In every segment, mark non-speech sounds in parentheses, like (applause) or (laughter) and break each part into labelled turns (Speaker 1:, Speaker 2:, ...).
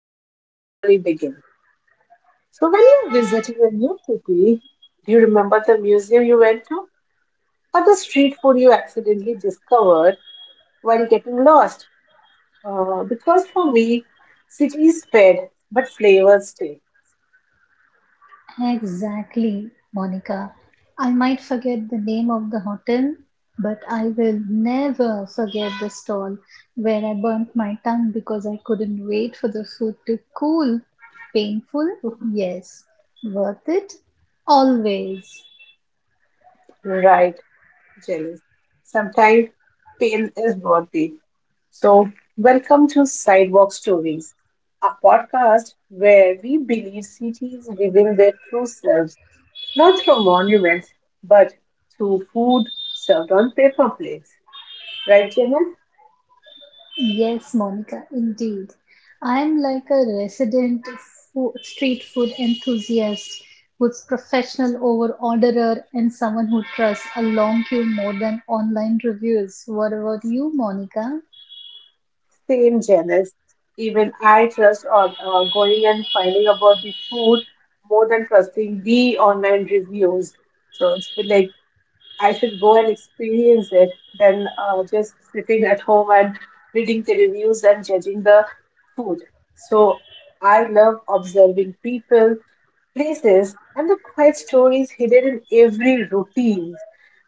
Speaker 1: we even properly begin. So when you're visiting a new city, do you remember the museum you went to or the street food you accidentally discovered while getting lost? Because for me, cities fade but flavors stay.
Speaker 2: Exactly, Monica. I might forget the name of the hotel, but I will never forget the stall where I burnt my tongue because I couldn't wait for the food to cool. Painful? Yes. Worth it? Always.
Speaker 1: Right, Janice. Sometimes pain is worth it. So, welcome to Sidewalk Stories, a podcast where we believe cities reveal their true selves, not through monuments, but through food served on paper plates. Right, Janice?
Speaker 2: Yes, Monica, indeed. I am like a resident street food enthusiast who's professional over orderer and someone who trusts a long queue more than online reviews. What about you, Monica?
Speaker 1: Same, Janice. Even I trust on going and finding about the food more than trusting the online reviews. So, it's been like I should go and experience it than just sitting at home and reading the reviews and judging the food. So I love observing people, places, and the quiet stories hidden in every routine.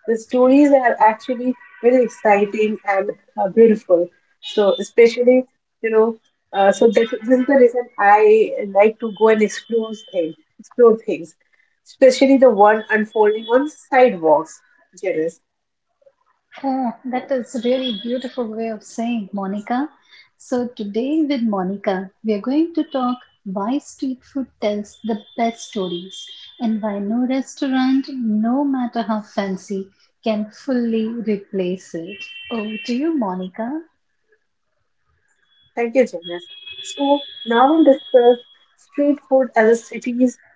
Speaker 1: The stories are actually very exciting and beautiful. So, especially, you know, this is the reason I like to go and explore things, especially the one unfolding on sidewalks. Janice,
Speaker 2: Oh, that is really beautiful way of saying, Monica. So today with Monica, we are going to talk why street food tells the best stories and why no restaurant, no matter how fancy, can fully replace it. Over to you, Monica.
Speaker 1: thank you, Janice. So now we'll discuss street food as a city's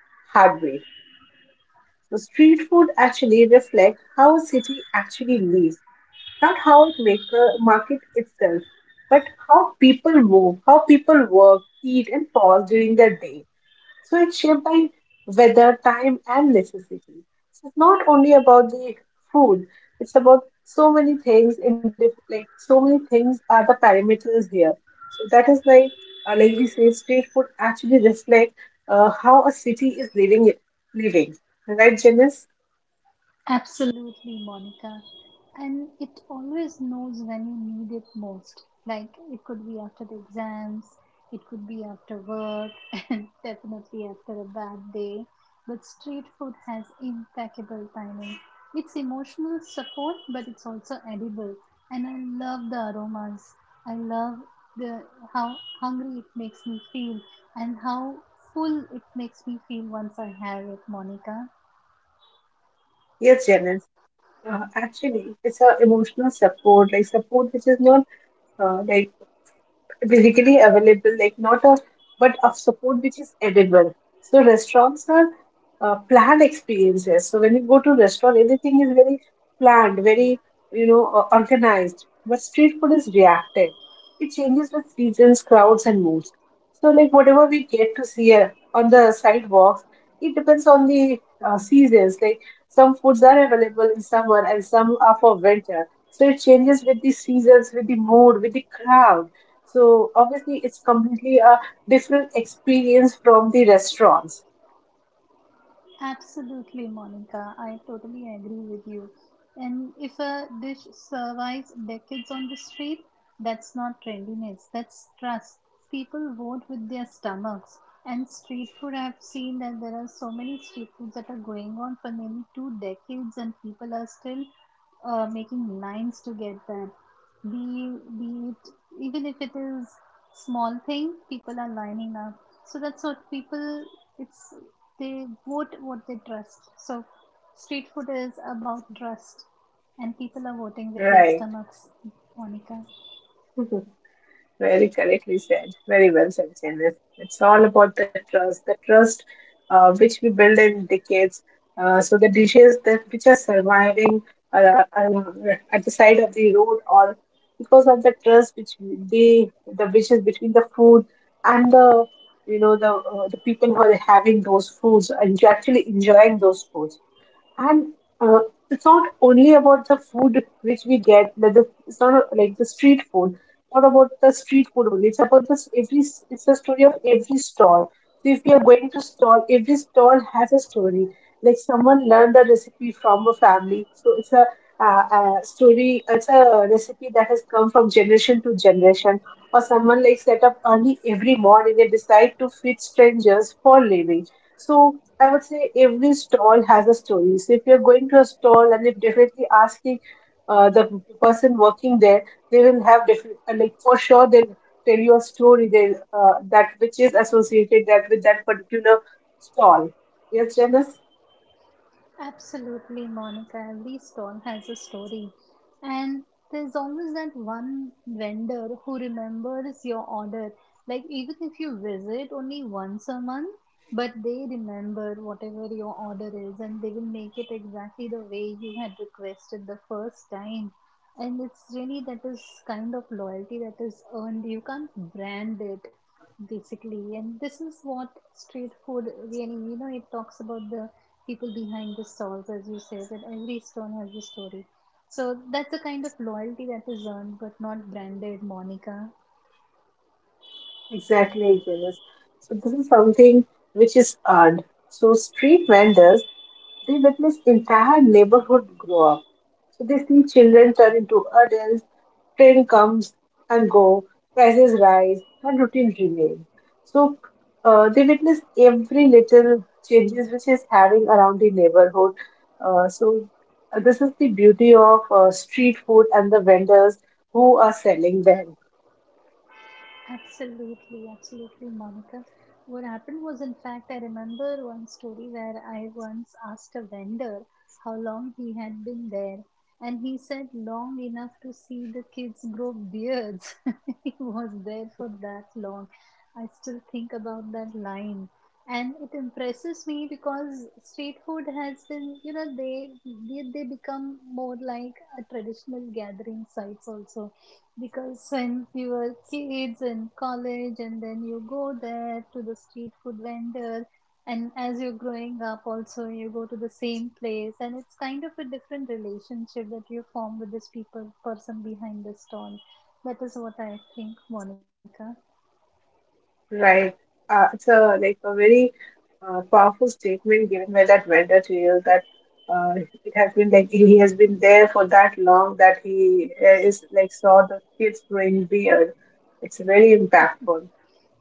Speaker 1: heartbeat. So street food actually reflect how a city actually lives. Not how it make, market itself, but how people move, how people work, eat, and pause during their day. So it's shaped by weather, time, and necessity. So it's not only about the food, it's about so many things in like so many things are the parameters here. So that is why, like we say, street food actually reflect how a city is living it, living. Right, Janice?
Speaker 2: Absolutely, Monica. And it always knows when you need it most. Like it could be after the exams, it could be after work, (laughs) and definitely after a bad day. But street food has impeccable timing. It's emotional support, but it's also edible. And I love the aromas. I love the how hungry it makes me feel and how full it makes me feel once I have it, Monica.
Speaker 1: Yes, Janice. Yeah, actually, it's a emotional support, like support which is not like readily available, like not a but of support which is edible. So restaurants are planned experiences. So when you go to restaurant, everything is very planned, very organized. But street food is reactive. It changes with seasons, crowds, and moods. So like whatever we get to see on the sidewalks, it depends on the seasons. Like some foods are available in summer and some are for winter. So it changes with the seasons, with the mood, with the crowd. So obviously, it's completely a different experience from the restaurants.
Speaker 2: Absolutely, Monica. I totally agree with you. And if a dish survives decades on the street, that's not trendiness, that's trust. People vote with their stomachs. And street food, I've seen that there are so many street foods that are going on for nearly two decades, and people are still making lines to get that. Be, be it, even if it is small thing, people are lining up. So that's what people it's they vote what they trust. So, street food is about trust, and people are voting with their
Speaker 1: Right.
Speaker 2: stomachs, Monica.
Speaker 1: (laughs) Very correctly said. Very well said, Janice. It's all about the trust which we build in decades. So the dishes that which are surviving at the side of the road, or because of the trust which we- they the which is between the food and the the people who are having those foods and actually enjoying those foods. And uh, it's not only about the food which we get, that the, it's not a- like the street food, not about the street food only. It's about it's the story of every stall. So if you are going to stall, every stall has a story. Like someone learned the recipe from a family. So it's a story, it's a recipe that has come from generation to generation. Or someone like set up early every morning and decide to feed strangers for living. So I would say every stall has a story. So if you're going to a stall and if definitely asking the person working there, they will have different, like for sure they'll tell you a story that which is associated that with that particular stall. Yes, Janice?
Speaker 2: Absolutely, Monica. Every stall has a story. And there's always that one vendor who remembers your order. Like, even if you visit only once a month, but they remember whatever your order is and they will make it exactly the way you had requested the first time. And it's really that is kind of loyalty that is earned. You can't brand it basically. And this is what street food really, you know, it talks about the people behind the stalls, as you said, that every stone has a story. So that's a kind of loyalty that is earned but not branded, Monica.
Speaker 1: Exactly, Janice. So this is something which is odd. So street vendors they witness entire neighborhood grow up. So they see children turn into adults, train comes and go, prices rise, and routine remain. So they witness every little changes which is having around the neighborhood. Uh, so this is the beauty of street food and the vendors who are selling them.
Speaker 2: Absolutely, Monica. What happened was, in fact, I remember one story where I once asked a vendor how long he had been there, and he said long enough to see the kids grow beards. (laughs) He was there for that long. I still think about that line. And it impresses me because street food has been, you know, they they become more like a traditional gathering sites also because when you were kids in college, and then you go there to the street food vendor, and as you're growing up, also you go to the same place, and it's kind of a different relationship that you form with this people person behind the stall. That is what I think, Monica.
Speaker 1: Right. It's a like a very powerful statement given by that vendor to you that uh, it has been like he has been there for that long that he is like saw the kids growing beard. It's very impactful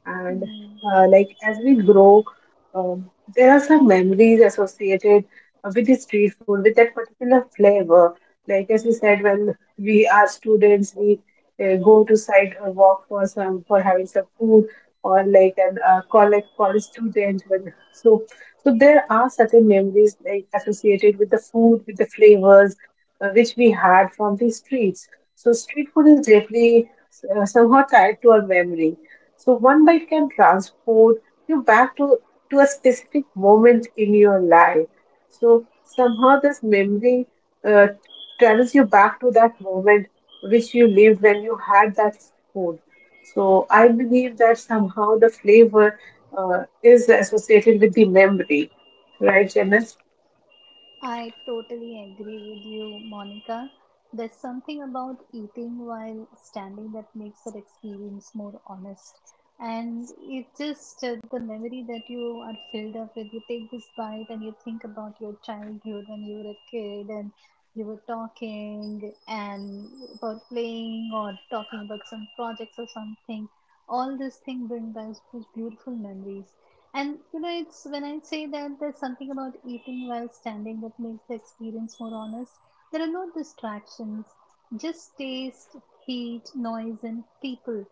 Speaker 1: and
Speaker 2: Hmm.
Speaker 1: like as we grow there are some memories associated with the street food with that particular flavor like as we said when we are students we go to site or walk for some for having some food or like an college student when so there are certain memories like associated with the food with the flavors which we had from the streets. So street food is definitely somehow tied to our memory. So one bite can transport you to a specific moment in your life. So somehow this memory uh, travels you back to that moment which you lived when you had that food. So I believe that somehow the flavor is associated with the memory, right, Janice?
Speaker 2: I totally agree with you, Monica. There's something about eating while standing that makes that experience more honest. And it just the memory that you are filled up with. You take this bite and you think about your childhood when you were a kid and you were talking and about playing or talking about some projects or something. All these things bring back those beautiful memories. And you know, it's when I say that there's something about eating while standing that makes the experience more honest. There are no distractions, just taste, heat, noise, and people.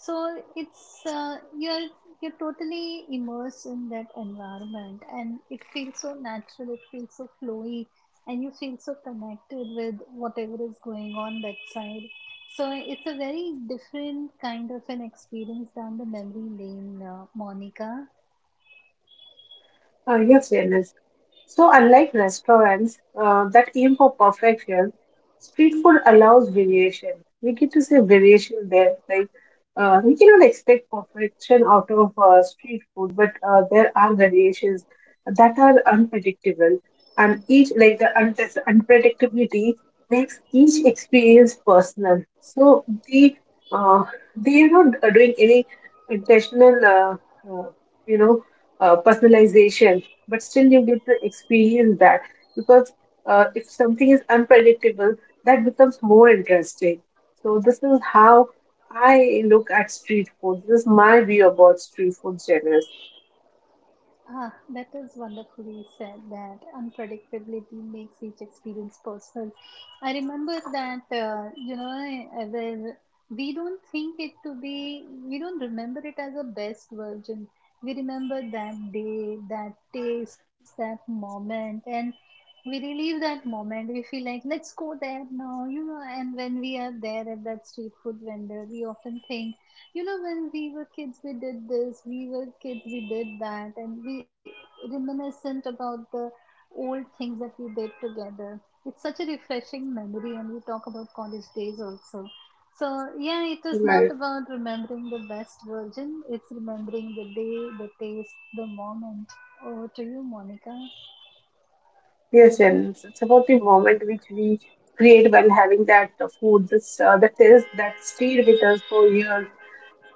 Speaker 2: So it's you're totally immersed in that environment, and it feels so natural. It feels so flowy, and you feel so connected with whatever is going on that side. So it's a very different kind of an experience than the memory lane, Monica.
Speaker 1: Yes, Janice. So, unlike restaurants that aim for perfection, street food allows variation. We get to see variation there. Like we cannot expect perfection out of street food, but there are variations that are unpredictable, and each like this unpredictability makes each experience personal. So uh, they are not doing any intentional, uh, you know, personalization but still you get to experience that because if something is unpredictable, that becomes more interesting. So this is how I look at street food. This is my view about street food, Janice.
Speaker 2: Ah, that is wonderfully said that unpredictability makes each experience personal. I remember that, you know, we don't think it to be, we don't remember it as a best version. We remember that day, that taste, that moment, and we relive that moment. We feel like, let's go there now, you know, and when we are there at that street food vendor, we often think, you know, when we were kids we did this, we were kids we did that, and we reminiscent about the old things that we did together. It's such a refreshing memory, and we talk about college days also. So yeah, it is not
Speaker 1: Right.
Speaker 2: about remembering the best version, it's remembering the day, the taste, the moment. Over to you, Monica.
Speaker 1: Yes, Janice. It's about the moment which we create while having that food, this that is that stayed with us for years.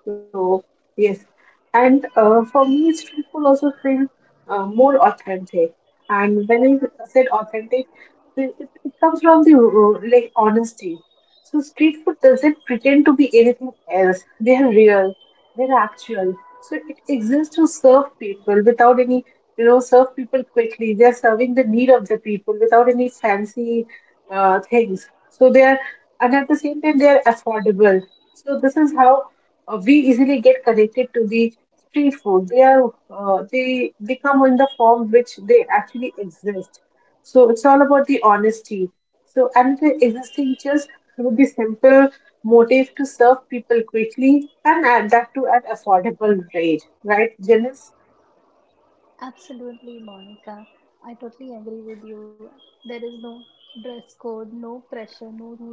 Speaker 1: So yes, and for me, street food also feels more authentic. And when I said authentic, it comes from the like honesty. So street food doesn't pretend to be anything else. They are real. They are actual. So it exists to serve people without any, you know, serve people quickly. They are serving the need of the people without any fancy things. So they are, and at the same time, they are affordable. So this is how we easily get connected to the street food. They are they come in the form which they actually exist. So it's all about the honesty. So and the existing just with the simple motive to serve people quickly and add that to an affordable rate, right, Janice?
Speaker 2: Absolutely, Monica. I totally agree with you. There is no dress code, no pressure, no rules.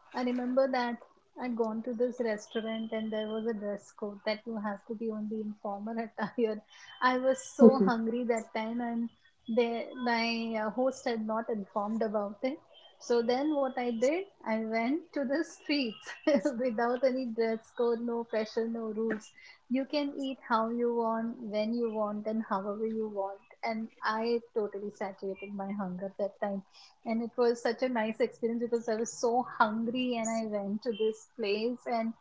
Speaker 2: I remember that I'd gone to this restaurant and there was a dress code that you have to be only in formal (laughs) attire. I was so hungry that time and they, my host had not informed about it. So then what I did, I went to the streets (laughs) without any dress code, no pressure, no rules. You can eat how you want, when you want, and however you want. And I totally saturated my hunger that time. And it was such a nice experience because I was so hungry and I went to this place and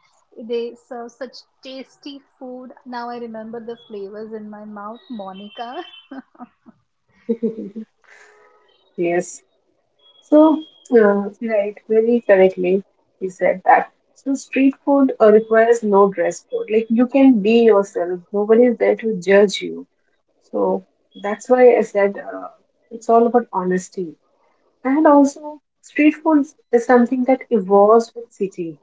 Speaker 2: they serve such tasty food. Now I remember the flavors in my mouth, Monica.
Speaker 1: (laughs) Yes. So, right, very correctly, you said that. So, street food requires no dress code. Like, you can be yourself, nobody is there to judge you. So, that's why I said it's all about honesty. And also, street food is something that evolves with city.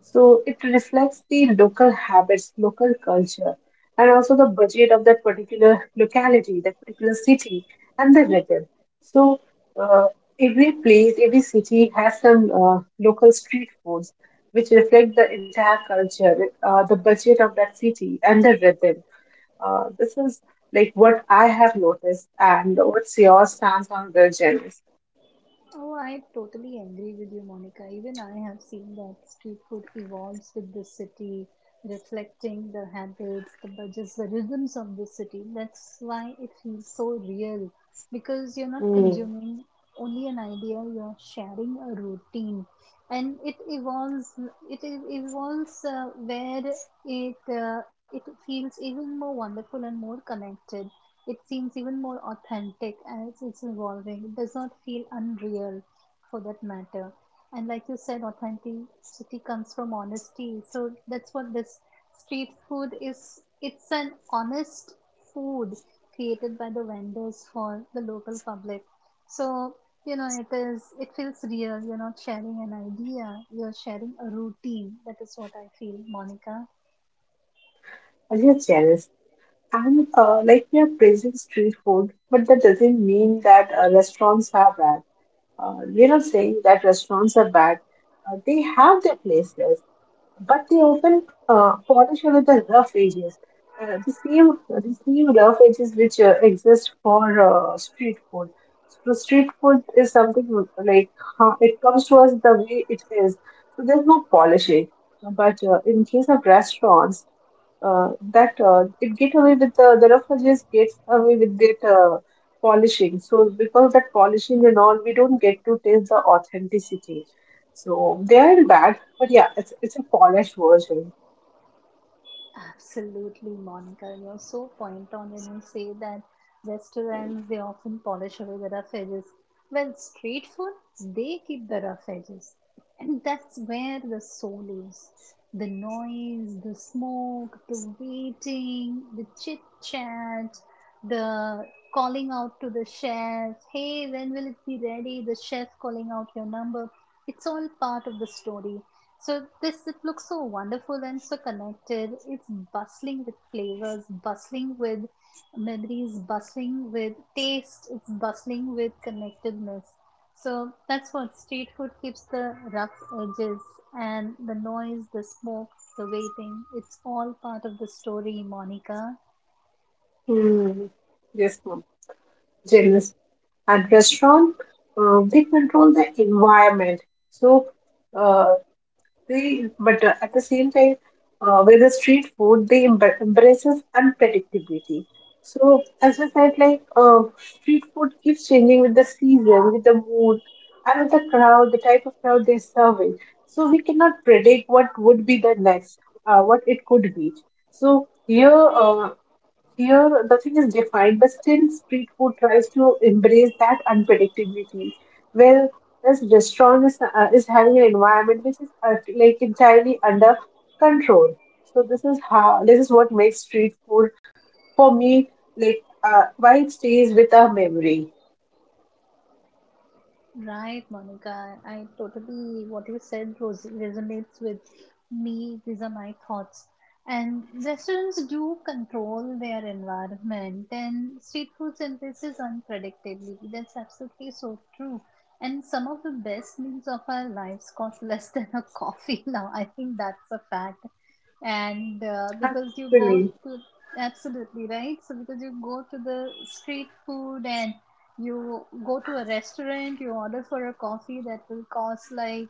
Speaker 1: So it reflects the local habits, local culture, and also the budget of that particular locality, that particular city, and the rhythm. So uh, every place, every city has some local street foods which reflect the entire culture, the budget of that city, and the rhythm. This is like what I have noticed, and what's your stance on the Janice?
Speaker 2: Oh, I totally agree with you, Monica. Even I have seen that street food evolves with the city, reflecting the habits, the budgets, the rhythms of the city. That's why it feels so real because you're not
Speaker 1: Hmm.
Speaker 2: consuming only an idea, you're sharing a routine. And it evolves, evolves where it, it feels even more wonderful and more connected. It seems even more authentic as it's evolving. It does not feel unreal for that matter. And like you said, authenticity comes from honesty. So that's what this street food is. It's an honest food created by the vendors for the local public. So, you know, it is, it feels real. You're not sharing an idea, you're sharing a routine. That is what I feel, Monica.
Speaker 1: Are you Janice? And like we are praising street food, but that doesn't mean that restaurants are bad. We're not saying that restaurants are bad. They have their places, but they often polish over the rough edges. Uh, the same, the same rough edges which exist for street food. So street food is something like it comes to us the way it is. So there's no polishing. But in case of restaurants, that it get away with the refugees gets away with that polishing. So because that polishing and all, we don't get to taste the authenticity. So they are bad, but yeah, it's a polished version.
Speaker 2: Absolutely, Monica. And you're so point on when you say that restaurants they often polish away the rough edges. Well, street food they keep the rough edges, and that's where the soul is. The noise, the smoke, the waiting, the chit chat, the calling out to the chef. Hey, when will it be ready? The chef calling out your number. It's all part of the story. So this it looks so wonderful and so connected. It's bustling with flavors, bustling with memories, bustling with taste. It's bustling with connectedness. So that's what street food keeps the rough edges and the noise, the smoke, the waiting. It's all part of the story, Monica.
Speaker 1: Hmm. Yes, ma'am. Genius. And restaurant, they control the environment. So. Uh, They, but at the same time, with the street food, embraces unpredictability. So, as I said, like street food keeps changing with the season, with the mood, and with the crowd, the type of crowd they're serving. So we cannot predict what would be the next, what it could be. So here, here, nothing is defined, but still, street food tries to embrace that unpredictability. Where this restaurant is having an environment which is like entirely under control. So this is how this is what makes street food for me like why it stays with a memory.
Speaker 2: Right, Monica. I totally, what you said res- resonates with me. These are my thoughts. And restaurants do control their environment, and street food embraces unpredictability. That's absolutely so true. And some of the best meals of our lives cost (laughs) less than a coffee (laughs) now. I think that's a fact. And because you go
Speaker 1: Actually,
Speaker 2: to, absolutely right. So because you go to the street food and you go to a restaurant, you order for a coffee that will cost like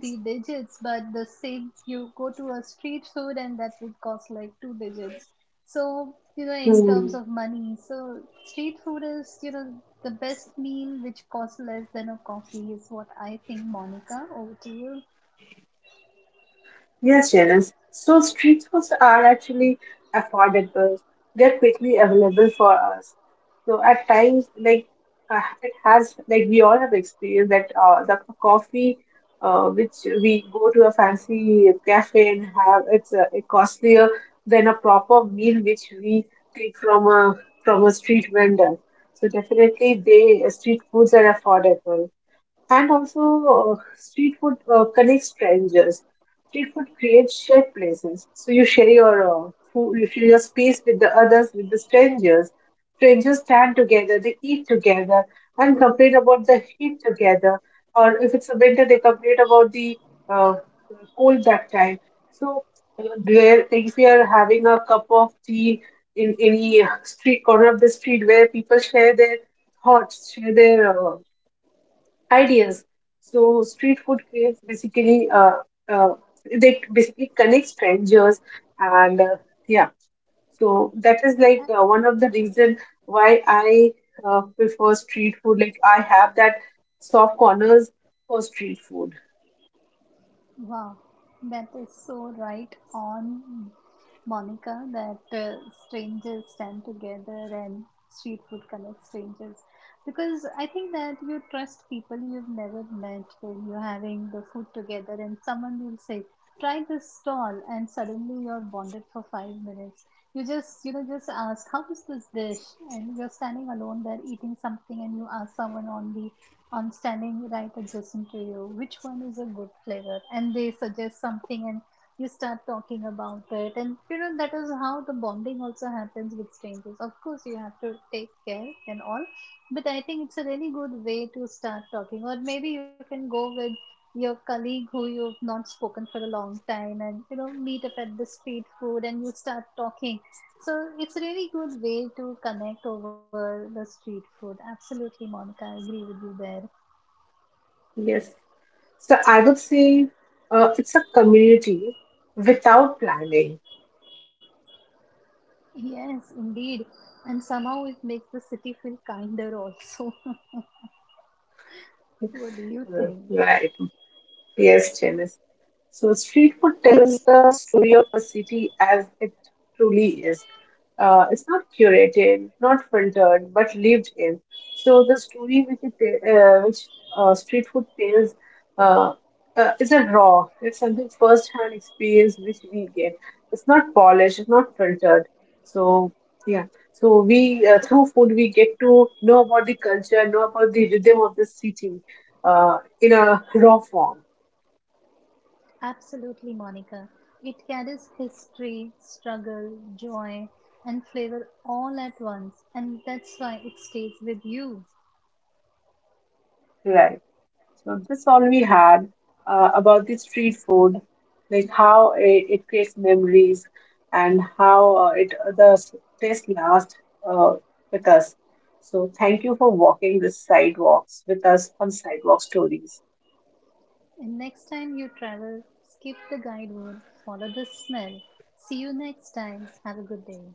Speaker 2: three digits, but the same you go to a street food and that would cost like two digits. So, you know, in terms of money, so street food is, you know, the best meal which costs less than a coffee is what I think, Monica. Over to you.
Speaker 1: yes, Janice. So street foods are actually affordable. They're quickly available for us. So at times, like it has, like we all have experienced that the coffee, which we go to a fancy cafe and have, it's it costlier than a proper meal which we take from a street vendor. So definitely, they street foods are affordable. And also, street food connects strangers. Street food creates shared places. So you share your food, you share your space with the others, with the strangers. Strangers stand together, they eat together, and complain about the heat together. Or if it's a winter, they complain about the uh, cold that time. So where if we are having a cup of tea in any street corner of the street where people share their thoughts, share their ideas. So street food craves basically uh, they basically connect strangers and yeah. So that is like one of the reason why I prefer street food. Like I have that soft corners for street food.
Speaker 2: Wow, that is so right on, Monica, that strangers stand together and street food connects strangers. Because I think that you trust people you've never met when you're having the food together, and someone will say, try this stall, and suddenly you're bonded for 5 minutes. You just, you know, just ask, how is this dish? And you're standing alone there eating something, and you ask someone on the on standing right adjacent to you which one is a good flavor, and they suggest something and you start talking about it. And you know, that is how the bonding also happens with strangers. Of course, you have to take care and all, but I think it's a really good way to start talking. Or maybe you can go with your colleague who you've not spoken for a long time and, you know, meet up at the street food and you start talking. So it's a really good way to connect over the street food. Absolutely, Monica, I agree with you there.
Speaker 1: Yes. So I would say it's a community without planning.
Speaker 2: Yes, indeed. And somehow it makes the city feel kinder also. (laughs) What do you think?
Speaker 1: Right. Yes, Janice. So, street food tells the story of a city as it truly is. It's not curated, not filtered, but lived in. So, the story which street food tells uh, is a raw, it's something first hand experience which we get. It's not polished, it's not filtered. So, yeah. So we through food we get to know about the culture, know about the rhythm of the city in a raw form,
Speaker 2: Absolutely, Monica. It carries history, struggle, joy, and flavor all at once, and that's why it stays with you.
Speaker 1: right? So this all we had about the street food, like how it creates memories and how taste lasts uh, with us. So thank you for walking the sidewalks with us on Sidewalk Stories.
Speaker 2: And next time you travel, skip the guidebook, follow the smell. See you next time. Have a good day.